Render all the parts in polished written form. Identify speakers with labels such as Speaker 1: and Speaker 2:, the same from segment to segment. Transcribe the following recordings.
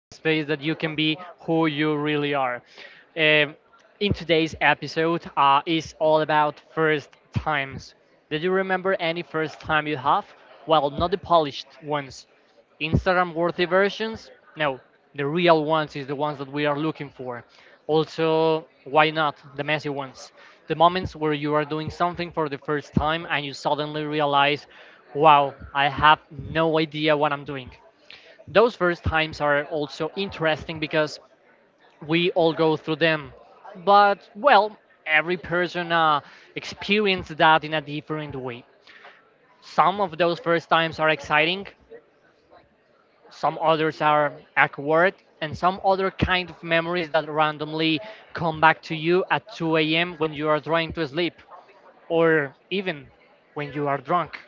Speaker 1: the space that you can be who you really are. Um, in today's episode, is all about first times. Did you remember any first time you have? Well, not the polished ones Instagram worthy versions? No, the real ones is the ones that we are looking for. Also, why not the messy ones? The moments where you are doing something for the first time and you suddenly realize, wow, I have no idea what I'm doing. Those first times are also interesting because we all go through them. But, well, every person experienced that in a different way. Some of those first times are exciting, some others are awkward and some other kind of memories that randomly come back to you at 2 a.m. when you are trying to sleep or even when you are drunk.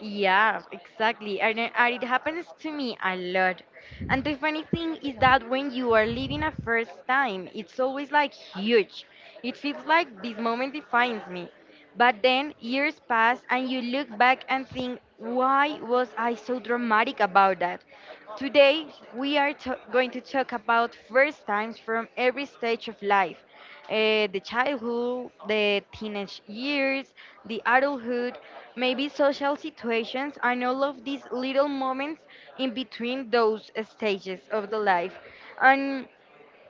Speaker 2: Yeah, exactly. And it happens to me a lot. And the funny thing is that when you are living a first time, it's always like huge. It feels like this moment defines me. But then years pass and you look back and think, why was I so dramatic about that? Today, we are going to talk about first times from every stage of life, the childhood, the teenage years, the adulthood, maybe social situations, and all of these little moments in between those stages of the life. And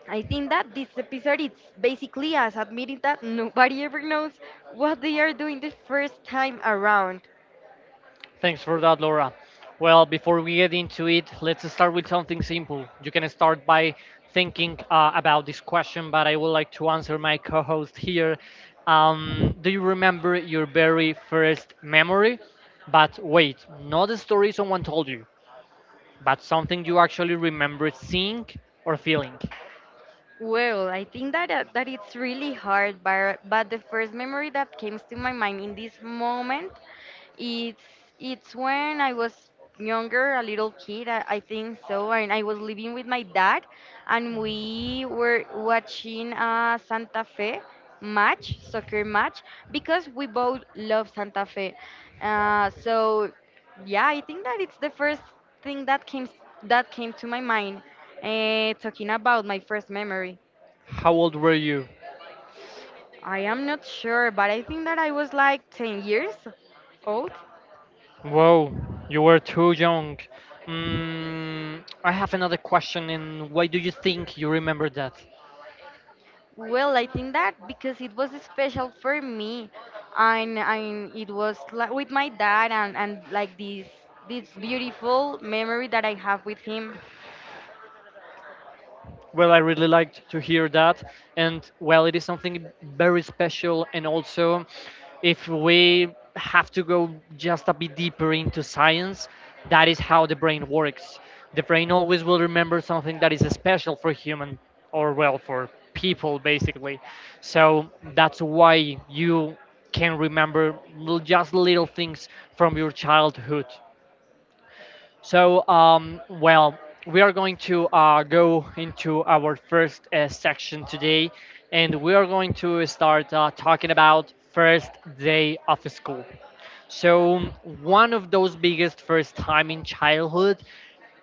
Speaker 2: I think that this episode is basically us admitting that nobody ever knows what they are doing the first time around.
Speaker 1: Thanks for that, Laura. Well, before we get into it, let's start with something simple. You can start by thinking about this question, but I would like to answer my co host here. Do you remember your very first memory? But wait, not a story someone told you but something you actually remember seeing or feeling.
Speaker 2: Well, I think that that it's really hard, but the first memory that comes to my mind in this moment, it's when I was younger, a little kid, I think so, and I was living with my dad, and we were watching a Santa Fe match, soccer match, because we both love Santa Fe. So yeah, I think that it's the first thing that came to my mind, talking about my first memory.
Speaker 1: How old were you?
Speaker 2: I am not sure, but I think that I was like 10 years old.
Speaker 1: Whoa, you were too young. Mm, I have another question, and why do you think you remember that?
Speaker 2: Well, I think that because it was special for me, and it was like with my dad and like this beautiful memory that I have with him.
Speaker 1: Well, I really liked to hear that. And well, it is something very special. And also, if we have to go just a bit deeper into science, that is how the brain works. The brain always will remember something that is special for human or, well, for people, basically. So that's why you can remember just little things from your childhood. So, um, well, we are going to go into our first section today, and we are going to start talking about first day of school. So one of those biggest first time in childhood,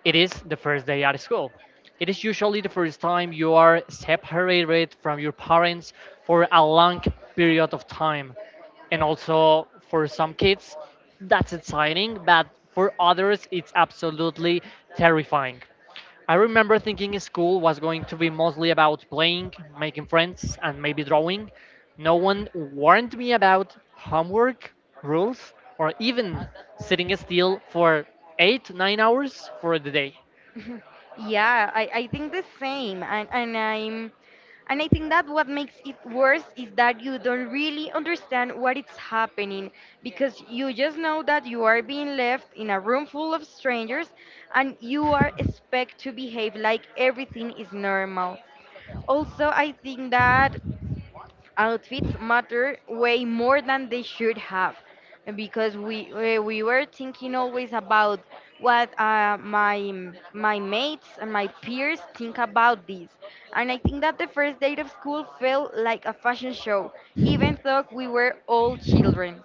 Speaker 1: it is the first day at school. It is usually the first time you are separated from your parents for a long period of time. And also for some kids, that's exciting, but for others, it's absolutely terrifying. I remember thinking school was going to be mostly about playing, making friends, and maybe drawing. No one warned me about homework, rules, or even sitting still for eight, 9 hours for the day.
Speaker 2: Yeah, I think the same, and I think that what makes it worse is that you don't really understand what is happening because you just know that you are being left in a room full of strangers, and you are expect to behave like everything is normal. Also, I think that outfits matter way more than they should have because we were thinking always about what my mates and my peers think about this. And I think that the first date of school felt like a fashion show even though we were all children.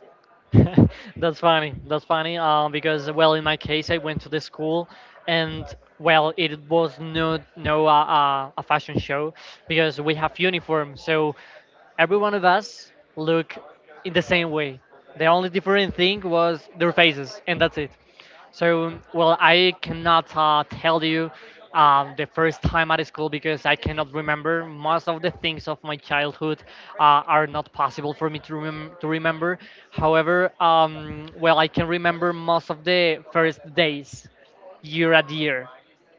Speaker 1: That's funny. That's funny. Because well, in my case, I went to the school, and well, it was no no a fashion show because we have uniform. So every one of us look in the same way. The only different thing was their faces, and that's it. So, well, I cannot tell you the first time at school because I cannot remember. Most of the things of my childhood are not possible for me to, to remember. However, well, I can remember most of the first days year at year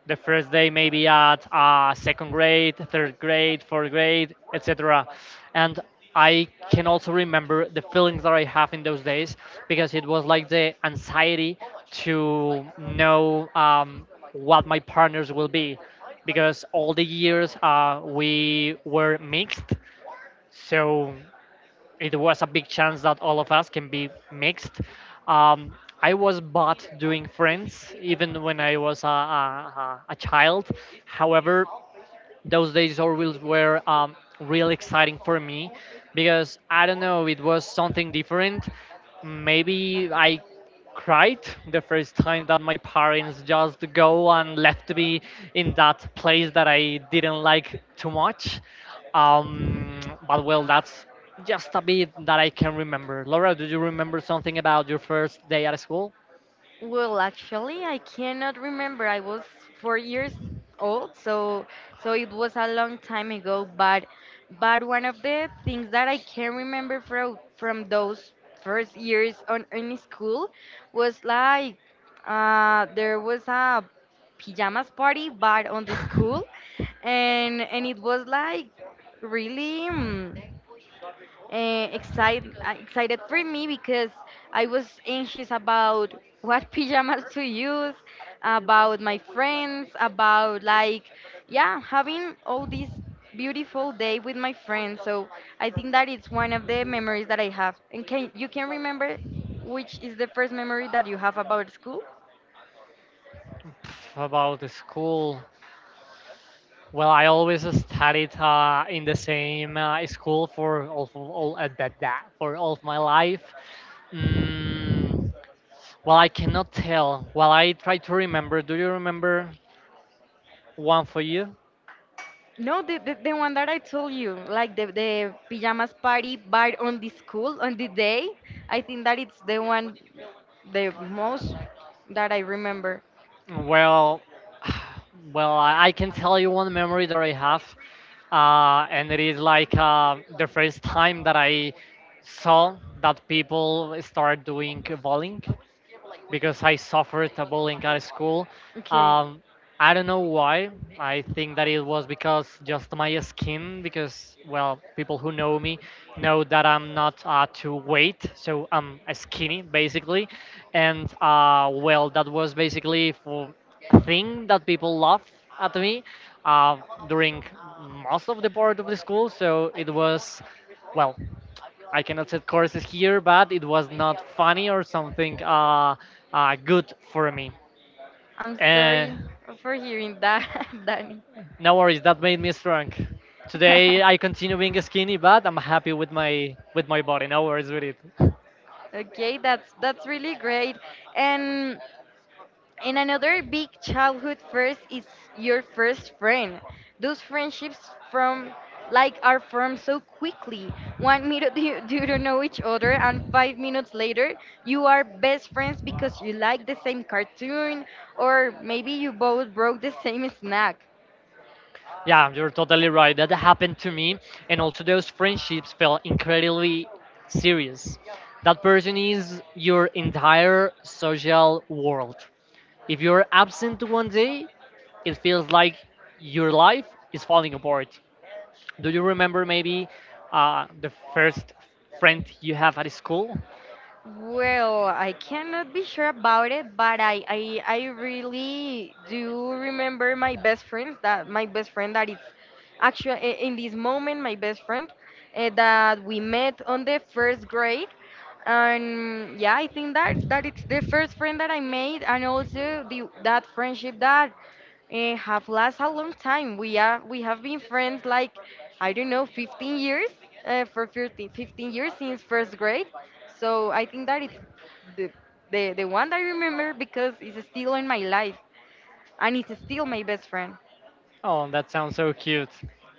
Speaker 1: the first day maybe at second grade, third grade, fourth grade, etc. And I can also remember the feelings that I have in those days because it was like the anxiety to know what my partners will be because all the years we were mixed. So it was a big chance that all of us can be mixed. Um, I was bad doing friends even when I was a child. However, those days or wheels were really exciting for me because I don't know, it was something different. Maybe I cried the first time that my parents just go and left me in that place that I didn't like too much. Um, but well, that's just a bit that I can remember. Laura, do you remember something about your first day at school?
Speaker 2: Well, actually, I cannot remember. I was 4 years old, so it was a long time ago. But one of the things that I can remember from those first years on in school was like there was a pajamas party, but on the school, and it was like really. Excited for me because I was anxious about what pajamas to use, about my friends, about like yeah, having all this beautiful day with my friends. So I think that it's one of the memories that I have. And can you can remember which is the first memory that you have about school?
Speaker 1: Pff, about the school. Well, I always studied in the same school for all that, that for all of my life. Mm, well, I cannot tell. Well, I try to remember. Do you remember one for you?
Speaker 2: No, the one that I told you, like the pajamas party bar on the school on the day, I think that it's the one, the most that I remember.
Speaker 1: Well, well, I can tell you one memory that I have, and it is like the first time that I saw that people start doing bowling. Because I suffered a bullying at school.
Speaker 2: Okay,
Speaker 1: Um, I don't know why. I think that it was because just my skin, because, well, people who know me know that I'm not too weight, so I'm skinny basically. And, well, that was basically for a thing that people laugh at me uh, during most of the part of the school, so it was. Well, I cannot set courses here, but it was not funny or something good for me.
Speaker 2: I'm
Speaker 1: Uh,
Speaker 2: sorry for hearing that, Danny.
Speaker 1: no worries, that made me strong. Today I continue being skinny, but I'm happy with my body. No worries with it.
Speaker 2: Okay, that's really great. And another big childhood first is your first friend. Those friendships from like are formed so quickly. One minute you don't know each other, and five minutes later you are best friends because you like the same cartoon, or maybe you both broke the same snack.
Speaker 1: Yeah, you're totally right. That happened to me, and also those friendships felt incredibly serious. That person is your entire social world. If you're absent one day, it feels like your life is falling apart. Do you remember maybe the first friend you have at school?
Speaker 2: Well, I cannot be sure about it, but I really do remember my best friend that is actually in this moment my best friend that we met on the first grade. And yeah, I think that it's the first friend that I made and also the that friendship that have lasted a long time. We have been friends like I don't know 15 years 15 years since first grade. So I think that it's the, the one that I remember because it's still in my life and it's still my best friend.
Speaker 1: Oh, that sounds so cute.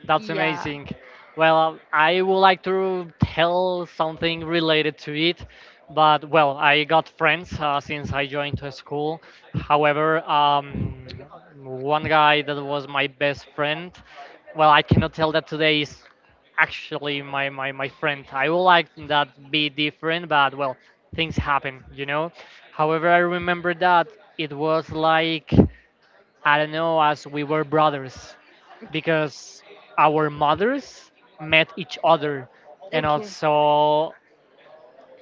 Speaker 1: That's
Speaker 2: Yeah.
Speaker 1: amazing. Well, I would like to tell something related to it, but well, I got friends since I joined to school. However, one guy that was my best friend, well, I cannot tell that today is actually my friend. I would like that be different, but well, things happen, you know. However, I remember that it was like I don't know, as we were brothers
Speaker 2: Okay.
Speaker 1: because our mothers met each other and also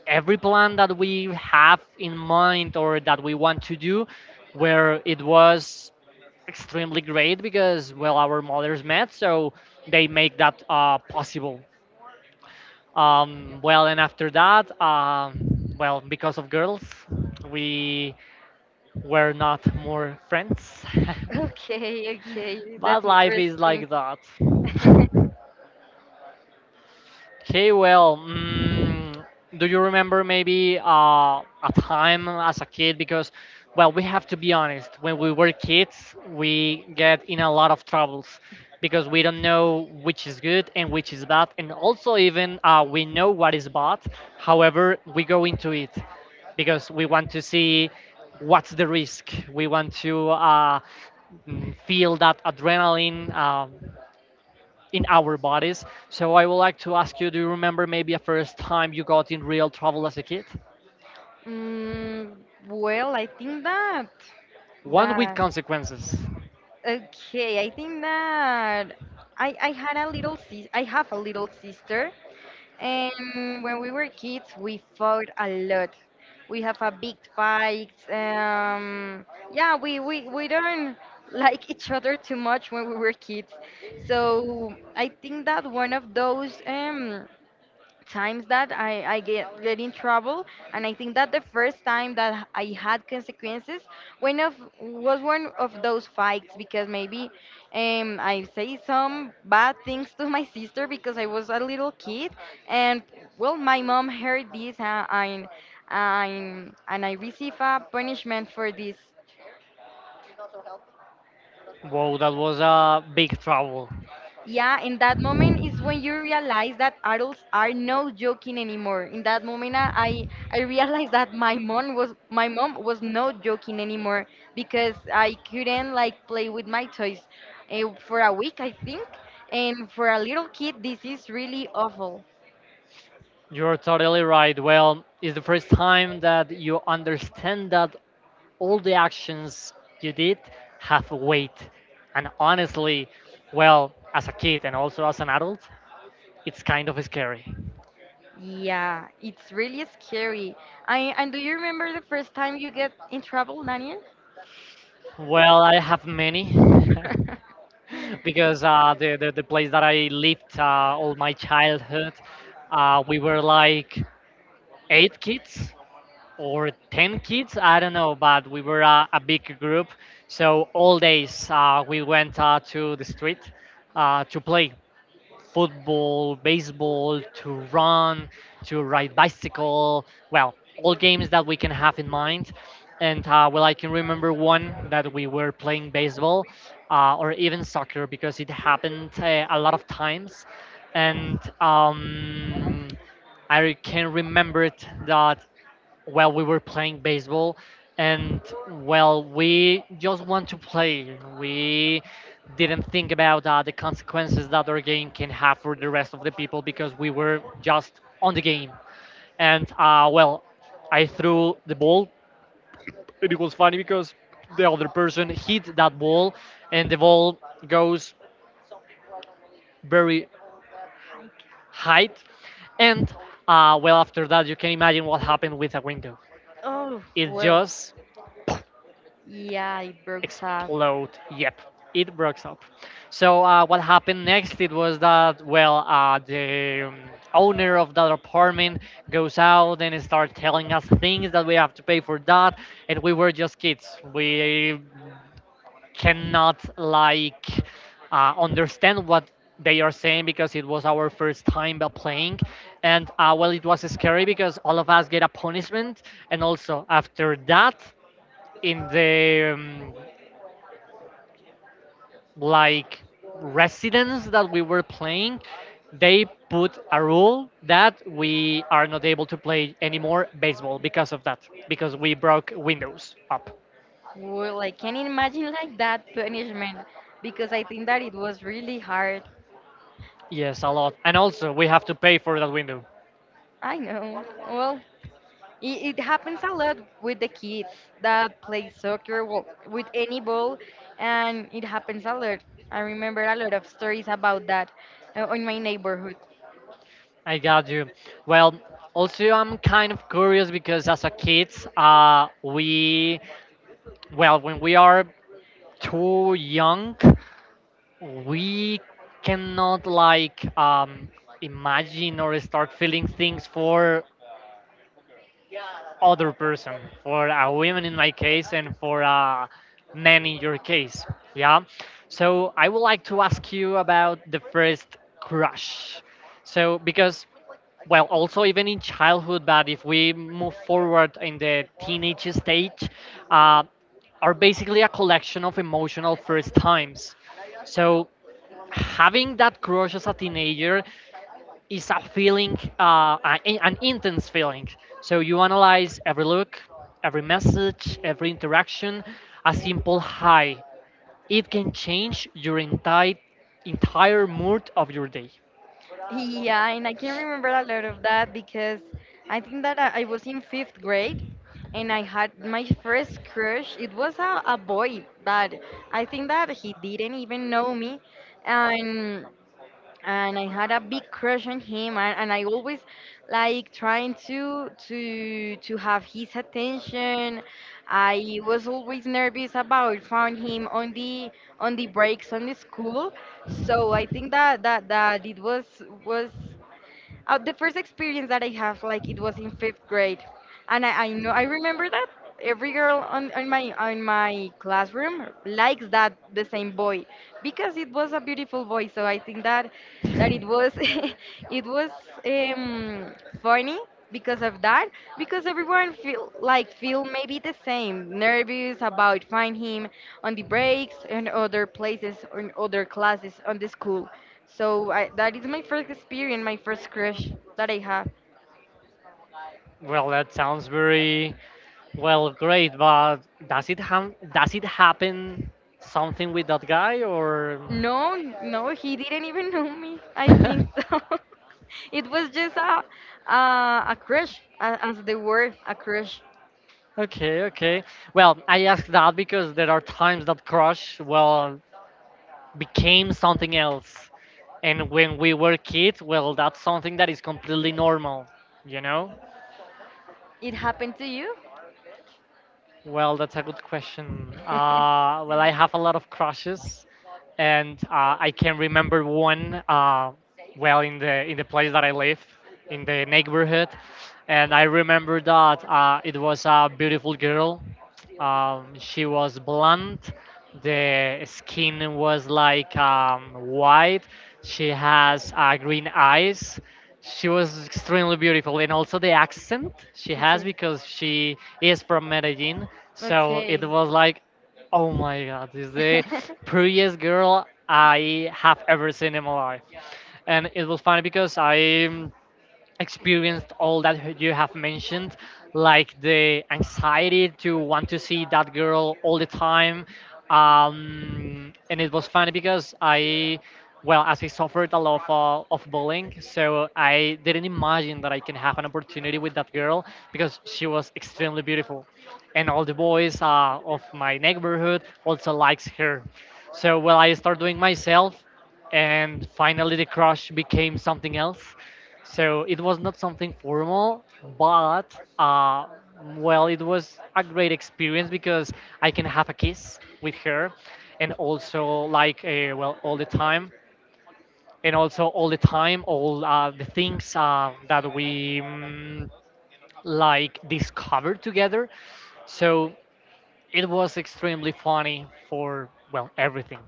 Speaker 1: every plan that we have in mind or that we want to do where it was extremely great because well our mothers met so they make that possible. Well and after that well because of girls we were not more friends.
Speaker 2: Okay, okay, okay,
Speaker 1: But
Speaker 2: that's
Speaker 1: life is
Speaker 2: interesting.
Speaker 1: like that. Okay, well, mm, do you remember maybe a time as a kid? Because, well, we have to be honest. When we were kids, we get in a lot of troubles because we don't know which is good and which is bad, and also even we know what is bad. However, we go into it because we want to see what's the risk. We want to feel that adrenaline in our bodies. So I would like to ask you, do you remember maybe a first time you got in real trouble as a kid?
Speaker 2: Mm, well, I think that
Speaker 1: One with
Speaker 2: that
Speaker 1: consequences.
Speaker 2: okay. I think that I had a little sis. I have a little sister, and when we were kids, we fought a lot. We have a big fight. Yeah, we don't like each other too much when we were kids. So I think that one of those times that get in trouble and I think that the first time that I had consequences one of was one of those fights because maybe I say some bad things to my sister because I was a little kid, and well, my mom heard this and I receive a punishment for this.
Speaker 1: Whoa, that was a big trouble.
Speaker 2: Yeah, in that moment is when you realize that adults are no joking anymore. In that moment, I realized that my mom was not joking anymore because I couldn't like play with my toys, for a week, I think. And for a little kid, this is really awful.
Speaker 1: You're totally right. Well, it's the first time that you understand that all the actions you did have weight. And honestly, well, as a kid and also as an adult, it's kind of scary.
Speaker 2: Yeah, it's really scary. I And do you remember the first time you get in trouble, Daniel?
Speaker 1: Well, I have many. Because the place that I lived all my childhood, we were like eight kids or ten kids, I don't know, but we were a big group. So all days we went to the street to play football, baseball, to run, to ride bicycle. Well, all games that we can have in mind. And well, I can remember one that we were playing baseball or even soccer because it happened a lot of times. And I can remember it that while we were playing baseball and well we just want to play we didn't think about the consequences that our game can have for the rest of the people because we were just on the game and well I threw the ball and it was funny because the other person hit that ball and the ball goes very high and well after that you can imagine what happened with a window.
Speaker 2: Oh,
Speaker 1: It
Speaker 2: well,
Speaker 1: just
Speaker 2: yeah, it breaks up.
Speaker 1: explode. Yep, it breaks up. So what happened next? It was that well, the owner of that apartment goes out and start telling us things that we have to pay for that, and we were just kids. We cannot like understand what they are saying because it was our first time by playing and well it was scary because all of us get a punishment and also after that in the like residents that we were playing they put a rule that we are not able to play anymore baseball because of that because we broke windows up.
Speaker 2: Well, I can imagine like that punishment because I think that it was really hard.
Speaker 1: Yes, a lot, and also we have to pay for that window.
Speaker 2: I know. Well, it happens a lot with the kids that play soccer, well, with any ball, and it happens a lot. I remember a lot of stories about that in my neighborhood.
Speaker 1: I got you. Well, also I'm kind of curious because as a kids we well when we are too young we cannot like imagine or start feeling things for other person, for a woman in my case, and for a man in your case. Yeah. So I would like to ask you about the first crush. So because, well, also even in childhood, but if we move forward in the teenage stage, uh, are basically a collection of emotional first times. So having that crush as a teenager is a feeling, an intense feeling. So you analyze every look, every message, every interaction. A simple hi, it can change your entire mood of your day.
Speaker 2: Yeah, and I can remember a lot of that because I think that I was in fifth grade and I had my first crush. It was a boy, but I think that he didn't even know me. And I had a big crush on him, and I always like trying to have his attention. I was always nervous about found him on the breaks on the school, so I think that it was was the first experience that I have, like it was in fifth grade. And, I remember that every girl on my classroom likes that the same boy because it was a beautiful boy. So I think that it was it was um, funny because of that because everyone feel like feel maybe the same nervous about find him on the breaks and other places and other classes on the school. So I, that is my first experience, my first crush that I have.
Speaker 1: Well, that sounds very, well, great, but does it happen something with that guy or?
Speaker 2: No, no, he didn't even know me. I think so. It was just a crush, as the word, a crush.
Speaker 1: Okay, okay. Well, I ask that because there are times that crush, well, became something else. And when we were kids, well, that's something that is completely normal, you know?
Speaker 2: It happened to you?
Speaker 1: Well, that's a good question. Well, I have a lot of crushes, and I can remember one. Well, in the place that I live, in the neighborhood. And I remember that it was a beautiful girl. She was blonde. The skin was like white. She has green eyes. She was extremely beautiful, and also the accent she has
Speaker 2: Okay.
Speaker 1: because she is from Medellin. So it
Speaker 2: Okay.
Speaker 1: was like, oh my God, this is the prettiest girl I have ever seen in my life. And it was funny because I experienced all that you have mentioned, like the anxiety to want to see that girl all the time. And it was funny because I, well, as I suffered a lot of bullying, so I didn't imagine that I can have an opportunity with that girl because she was extremely beautiful. And all the boys of my neighborhood also likes her. So, well, I started doing myself, and finally the crush became something else. So it was not something formal, but well, it was a great experience because I can have a kiss with her, and also like well, all the time, and also all the time, all the things that we like discovered together. So it was extremely funny for, well, everything.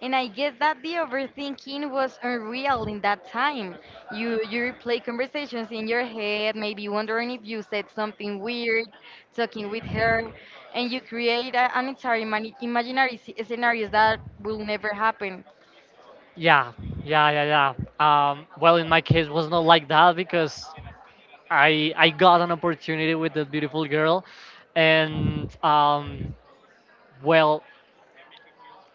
Speaker 2: And I guess that the overthinking was unreal in that time. You replay conversations in your head, maybe wondering if you said something weird, talking with her, and you create an entire imaginary scenarios that will never happen.
Speaker 1: Yeah, yeah, yeah, yeah. Well, in my case, was not like that because I got an opportunity with that beautiful girl, and well,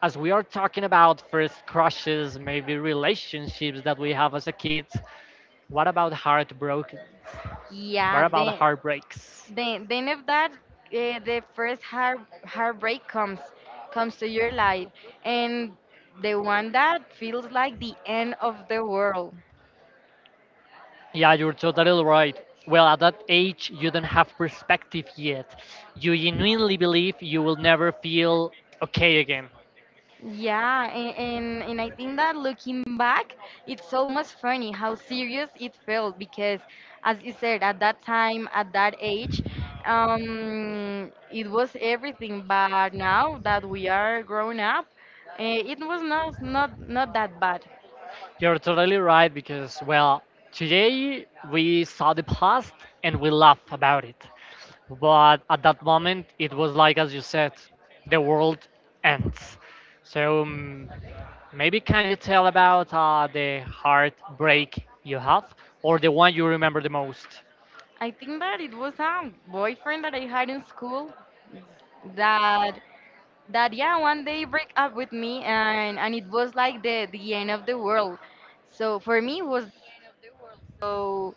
Speaker 1: as we are talking about first crushes, maybe relationships that we have as a kid, what about heartbroken? What
Speaker 2: Yeah,
Speaker 1: about
Speaker 2: then.
Speaker 1: heartbreaks?
Speaker 2: Then, if that the first heartbreak comes to your life, and the one that feels like the end of the world.
Speaker 1: Yeah, you're totally right. Well, at that age, you don't have perspective yet. You genuinely believe you will never feel okay again.
Speaker 2: Yeah, and I think that looking back, it's almost funny how serious it felt because, as you said, at that time, at that age, it was everything. But now that we are grown up, it was not that bad.
Speaker 1: You're totally right because, well, today we saw the past and we laugh about it. But at that moment, it was like, as you said, the world ends. So maybe can you tell about the heartbreak you have, or the one you remember the most?
Speaker 2: I think that it was a boyfriend that I had in school that yeah one day break up with me and it was like the end of the world. So for me it was. So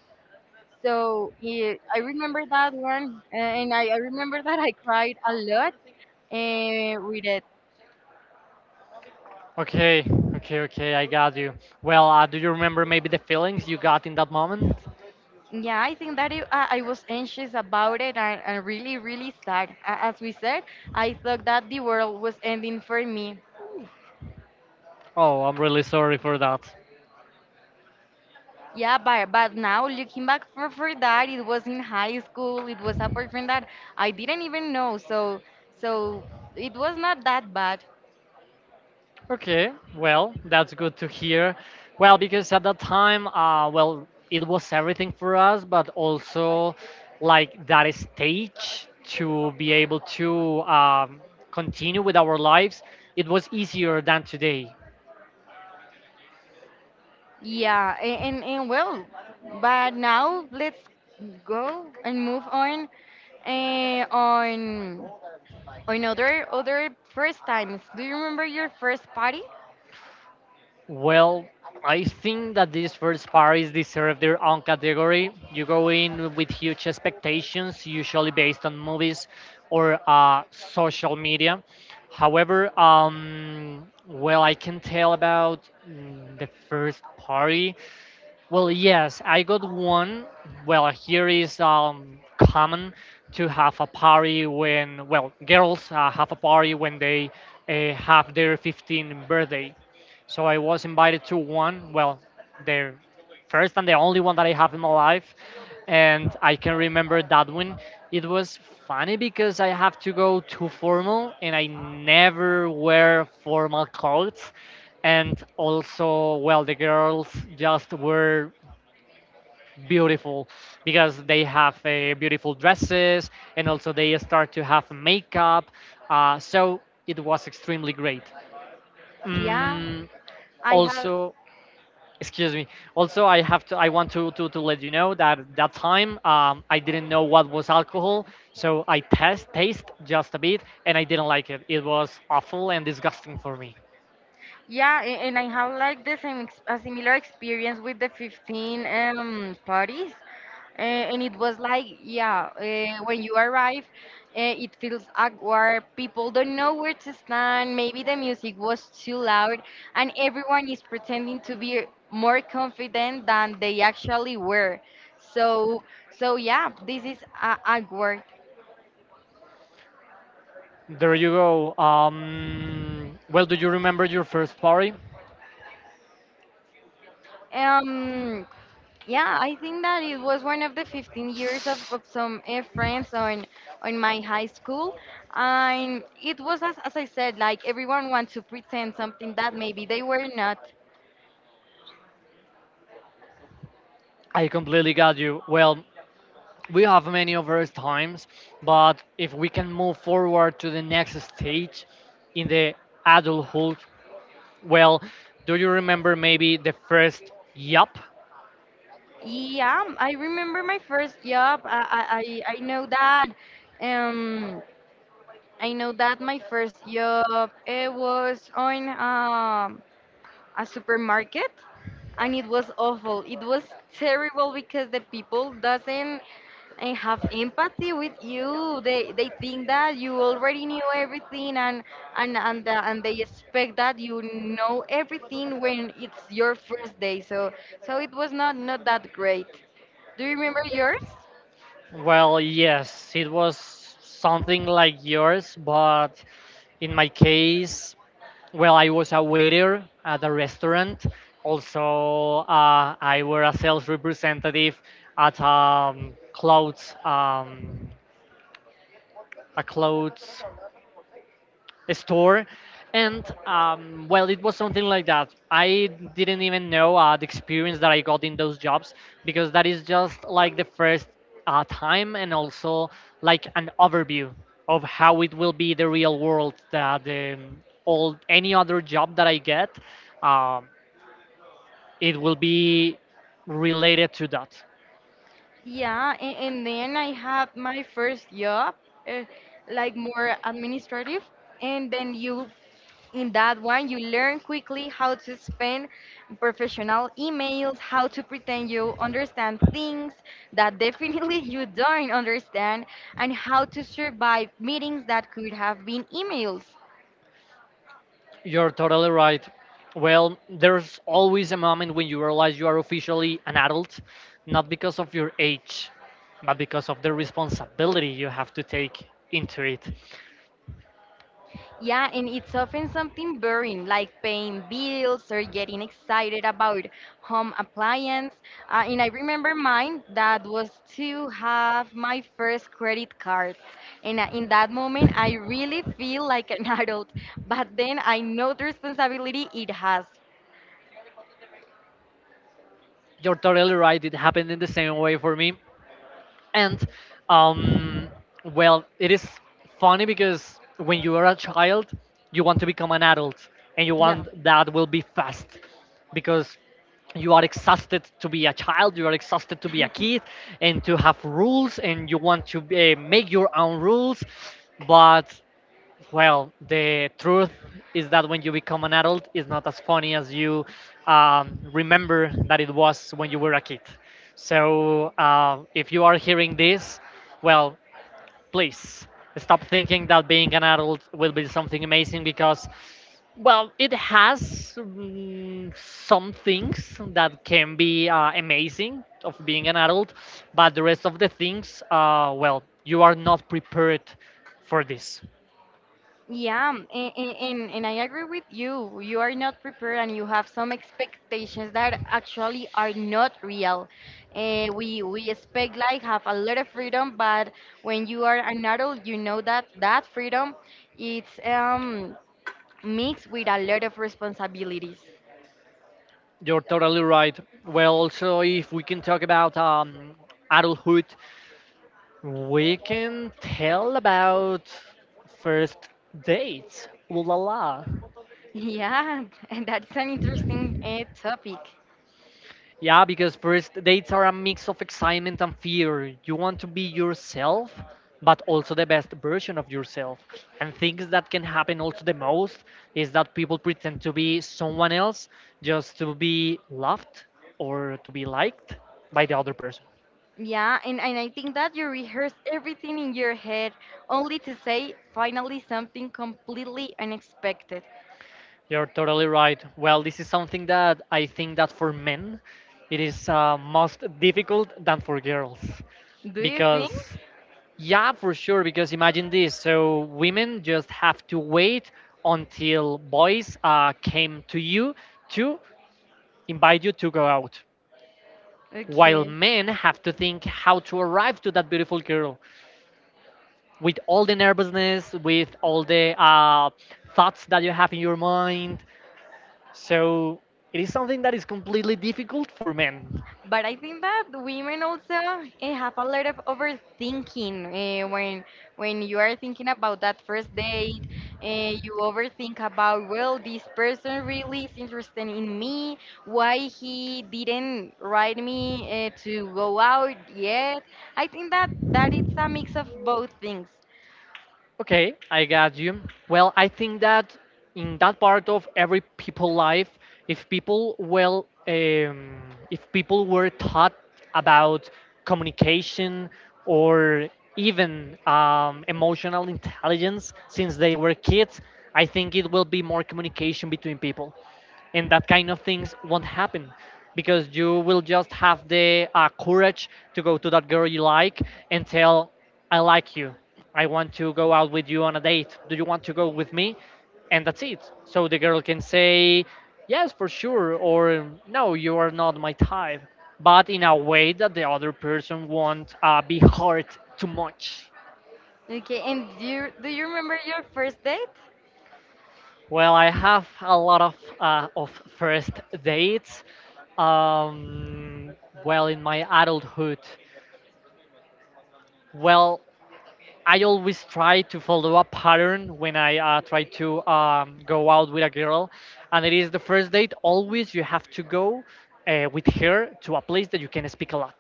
Speaker 2: so he I remember that one, and I remember that I cried a lot, with it.
Speaker 1: Okay, okay, I got you. Well, do you remember maybe the feelings you got in that moment?
Speaker 2: Yeah, I think that I was anxious about it, and really, really sad. As we said, I thought that the world was ending for me.
Speaker 1: Oh, I'm really sorry for that.
Speaker 2: Yeah, but now looking back for that, it was in high school. It was a boyfriend that I didn't even know. So so it was not that bad.
Speaker 1: Okay, well, that's good to hear. Well, because at that time, well, it was everything for us, but also like that stage to be able to continue with our lives, it was easier than today.
Speaker 2: Yeah, and well, but now let's go and move on uh, on on other first times. Do you remember your first party?
Speaker 1: Well, I think that these first parties deserve their own category. You go in with huge expectations, usually based on movies or social media. However, well, I can tell about the first party. Well, yes, I got one. Well, here is common to have a party when, well, girls have a party when they have their 15th birthday. So I was invited to one, well, the first and the only one that I have in my life, and I can remember that one. It was funny because I have to go too formal and I never wear formal clothes. And also, well, the girls just were beautiful because they have beautiful dresses, and also they start to have makeup. So it was extremely great.
Speaker 2: Yeah,
Speaker 1: Mm,
Speaker 2: I have.
Speaker 1: Also, excuse me, also I have to, I want to let you know that that time I didn't know what was alcohol, so I test taste just a bit and I didn't like it. It was awful and disgusting for me.
Speaker 2: Yeah, and I have like the same a similar experience with the 15 parties. And it was like, yeah, when you arrive, it feels awkward. People don't know where to stand. Maybe the music was too loud, and everyone is pretending to be more confident than they actually were. So, so yeah, this is awkward.
Speaker 1: There you go. Well, do you remember your first party?
Speaker 2: Um, Yeah, I think that it was one of the 15 years of some friends on my high school, and it was as I said, like everyone wants to pretend something that maybe they were not.
Speaker 1: I completely got you. Well, we have many of those times, but if we can move forward to the next stage in the adulthood, well, do you remember maybe the first yup?
Speaker 2: Yeah, I remember my first job. I know that. Um, I know that my first job it was on a supermarket. And it was awful. It was terrible because the people doesn't have empathy with you. They think that you already knew everything and they expect that you know everything when it's your first day. So so it was not that great. Do you remember yours?
Speaker 1: Well, yes, it was something like yours, but in my case, well, I was a waiter at a restaurant. Also, I were a sales representative at clothes, a clothes store. And well, it was something like that. I didn't even know the experience that I got in those jobs because that is just like the first time, and also like an overview of how it will be the real world, that the all any other job that I get, um, it will be related to that.
Speaker 2: Yeah, and then I had my first job, uh, like more administrative, and then you In that one, you learn quickly how to spend professional emails, how to pretend you understand things that definitely you don't understand, and how to survive meetings that could have been emails.
Speaker 1: You're totally right. Well, there's always a moment when you realize you are officially an adult, not because of your age, but because of the responsibility you have to take into it.
Speaker 2: Yeah, and it's often something boring like paying bills or getting excited about home appliance. And I remember mine that was to have my first credit card. And in that moment, I really feel like an adult. But then I know the responsibility it has.
Speaker 1: You're totally right. It happened in the same way for me. And um, well, it is funny because when you are a child, you want to become an adult, and you
Speaker 2: Yeah.
Speaker 1: want that will be fast, because you are exhausted to be a child, you are exhausted to be a
Speaker 2: Kid.
Speaker 1: kid, and to have rules, and you want to make your own rules, but well, the truth is that when you become an adult, it's not as funny as you remember that it was when you were a kid. So, if you are hearing this, well, please stop thinking that being an adult will be something amazing because, well, it has some things that can be amazing of being an adult, but the rest of the things, well, you are not prepared for this.
Speaker 2: Yeah, and I agree with you. You are not prepared and you have some expectations that actually are not real. We expect like have a lot of freedom, but when you are an adult, you know that that freedom it's mixed with a lot of responsibilities.
Speaker 1: You're totally right. Well, also, if we can talk about adulthood, we can tell about first dates. Ooh la la.
Speaker 2: Yeah, and that's an interesting topic.
Speaker 1: Yeah, because first dates are a mix of excitement and fear. You want to be yourself, but also the best version of yourself. And things that can happen also the most is that people pretend to be someone else just to be loved or to be liked by the other person.
Speaker 2: Yeah, and I think that you rehearse everything in your head only to say finally something completely unexpected.
Speaker 1: You're totally right. Well, this is something that I think that for men it is most difficult than for girls,
Speaker 2: Do you think?
Speaker 1: because yeah, for sure, because imagine this. So women just have to wait until boys came to you to invite you to go out. While
Speaker 2: Okay.
Speaker 1: men have to think how to arrive to that beautiful girl with all the nervousness, with all the thoughts that you have in your mind. So it is something that is completely difficult for men.
Speaker 2: But I think that women also have a lot of overthinking when you are thinking about that first date. You overthink about, well, this person really is interested in me. Why he didn't write me to go out yet? I think that that it's a mix of both things.
Speaker 1: Okay, I got you. Well, I think that in that part of every people life, if people, well, if people were taught about communication or even emotional intelligence since they were kids, I think it will be more communication between people, and that kind of things won't happen because you will just have the courage to go to that girl you like and tell, I like you, I want to go out with you on a date, do you want to go with me? And that's it. So the girl can say yes, for sure, or no, you are not my type, but in a way that the other person won't be hurt too much.
Speaker 2: Okay, and do you remember your first date?
Speaker 1: Well, I have a lot of first dates. Um, well, in my adulthood, well, I always try to follow a pattern when I try to go out with a girl, and it is the first date. Always, you have to go with her to a place that you can speak a lot.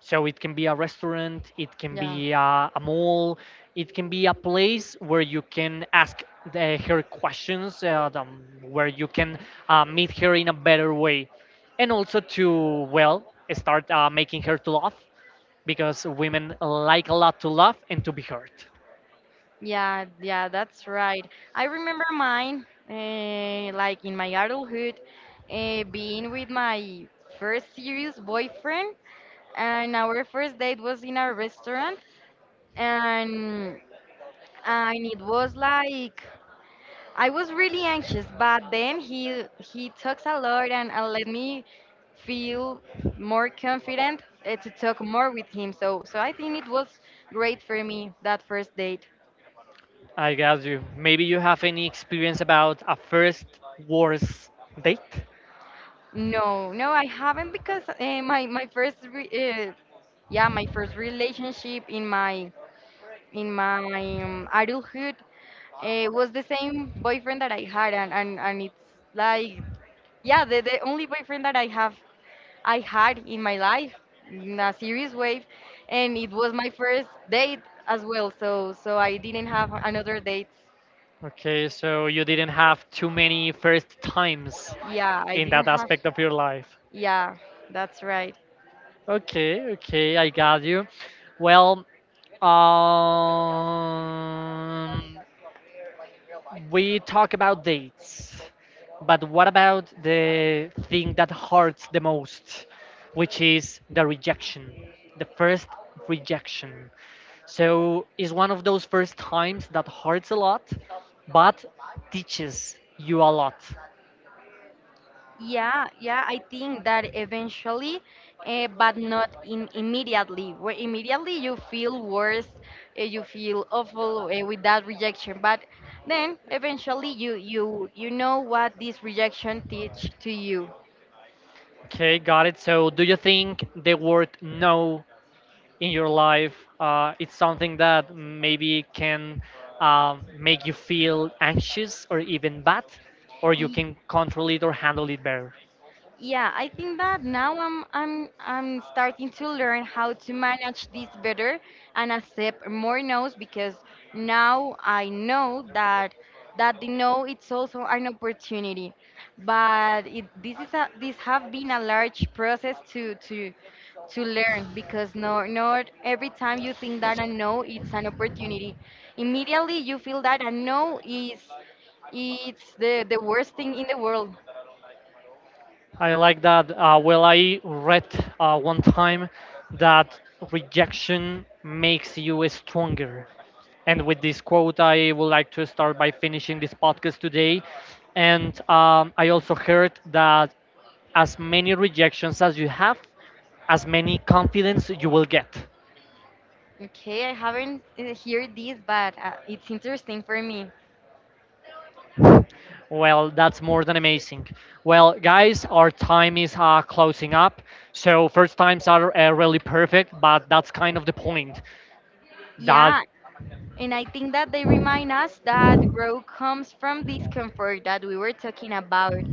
Speaker 1: So it can be a restaurant, it can
Speaker 2: Yeah.
Speaker 1: be a mall, it can be a place where you can ask the, her questions, the, where you can meet her in a better way, and also to, well, start making her to laugh because women like a lot to laugh and to be heard.
Speaker 2: Yeah, yeah, that's right. I remember mine, like in my adulthood, being with my first serious boyfriend, and our first date was in a restaurant, and and it was like I was really anxious, but then he talks a lot and let me feel more confident to talk more with him. So so I think it was great for me that first date.
Speaker 1: I guess you. Maybe you have any experience about a first worst date.
Speaker 2: No, no, I haven't because my first relationship in my adulthood was the same boyfriend that I had and and it's like yeah the only boyfriend that I had in my life in a serious way and it was my first date as well so so I didn't have another date
Speaker 1: Okay, so you didn't have too many first times
Speaker 2: yeah, I
Speaker 1: in that
Speaker 2: didn't have.
Speaker 1: aspect of your life.
Speaker 2: Yeah, that's right.
Speaker 1: Okay, okay, I got you. Well, um, we talk about dates, but what about the thing that hurts the most, which is the rejection, the first rejection? So it's one of those first times that hurts a lot, but teaches you a lot.
Speaker 2: Yeah, yeah, I think that eventually, but not in immediately. Where immediately you feel worse, you feel awful with that rejection. But then eventually you know what this rejection teach to you.
Speaker 1: Okay, got it. So do you think the word no in your life, it's something that maybe can make you feel anxious or even bad, or you can control it or handle it better?
Speaker 2: Yeah, I think that now I'm starting to learn how to manage this better and accept more no's because now I know that that the no it's also an opportunity. But it, this is a this have been a large process to learn because no not every time you think that a no it's an opportunity. Immediately you feel that a no is it's the worst thing in the world.
Speaker 1: I like that. Well, I read one time that rejection makes you stronger. And with this quote, I would like to start by finishing this podcast today. And I also heard that as many rejections as you have, as many confidence you will get.
Speaker 2: Okay, I haven't heard this, but it's interesting for me.
Speaker 1: Well, that's more than amazing. Well, guys, our time is closing up. So first times are really perfect, but that's kind of the point. That
Speaker 2: Yeah, and I think that they remind us that growth comes from discomfort that we were talking about.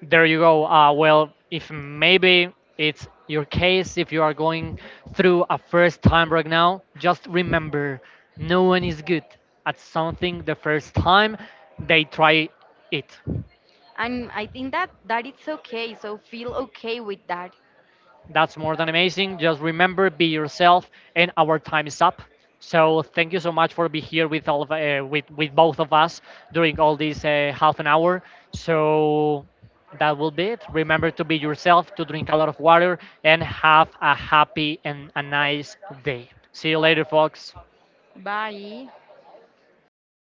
Speaker 1: there you go. Well, if maybe it's your case, if you are going through a first time right now, just remember, no one is good at something the first time they try it.
Speaker 2: And I think that that it's okay, so feel okay with that.
Speaker 1: That's more than amazing. Just remember, be yourself, and our time is up. So thank you so much for being here with all of with both of us during all this half an hour. So that will be it. Remember to be yourself, to drink a lot of water, and have a happy and a nice day. See you later, folks.
Speaker 2: Bye.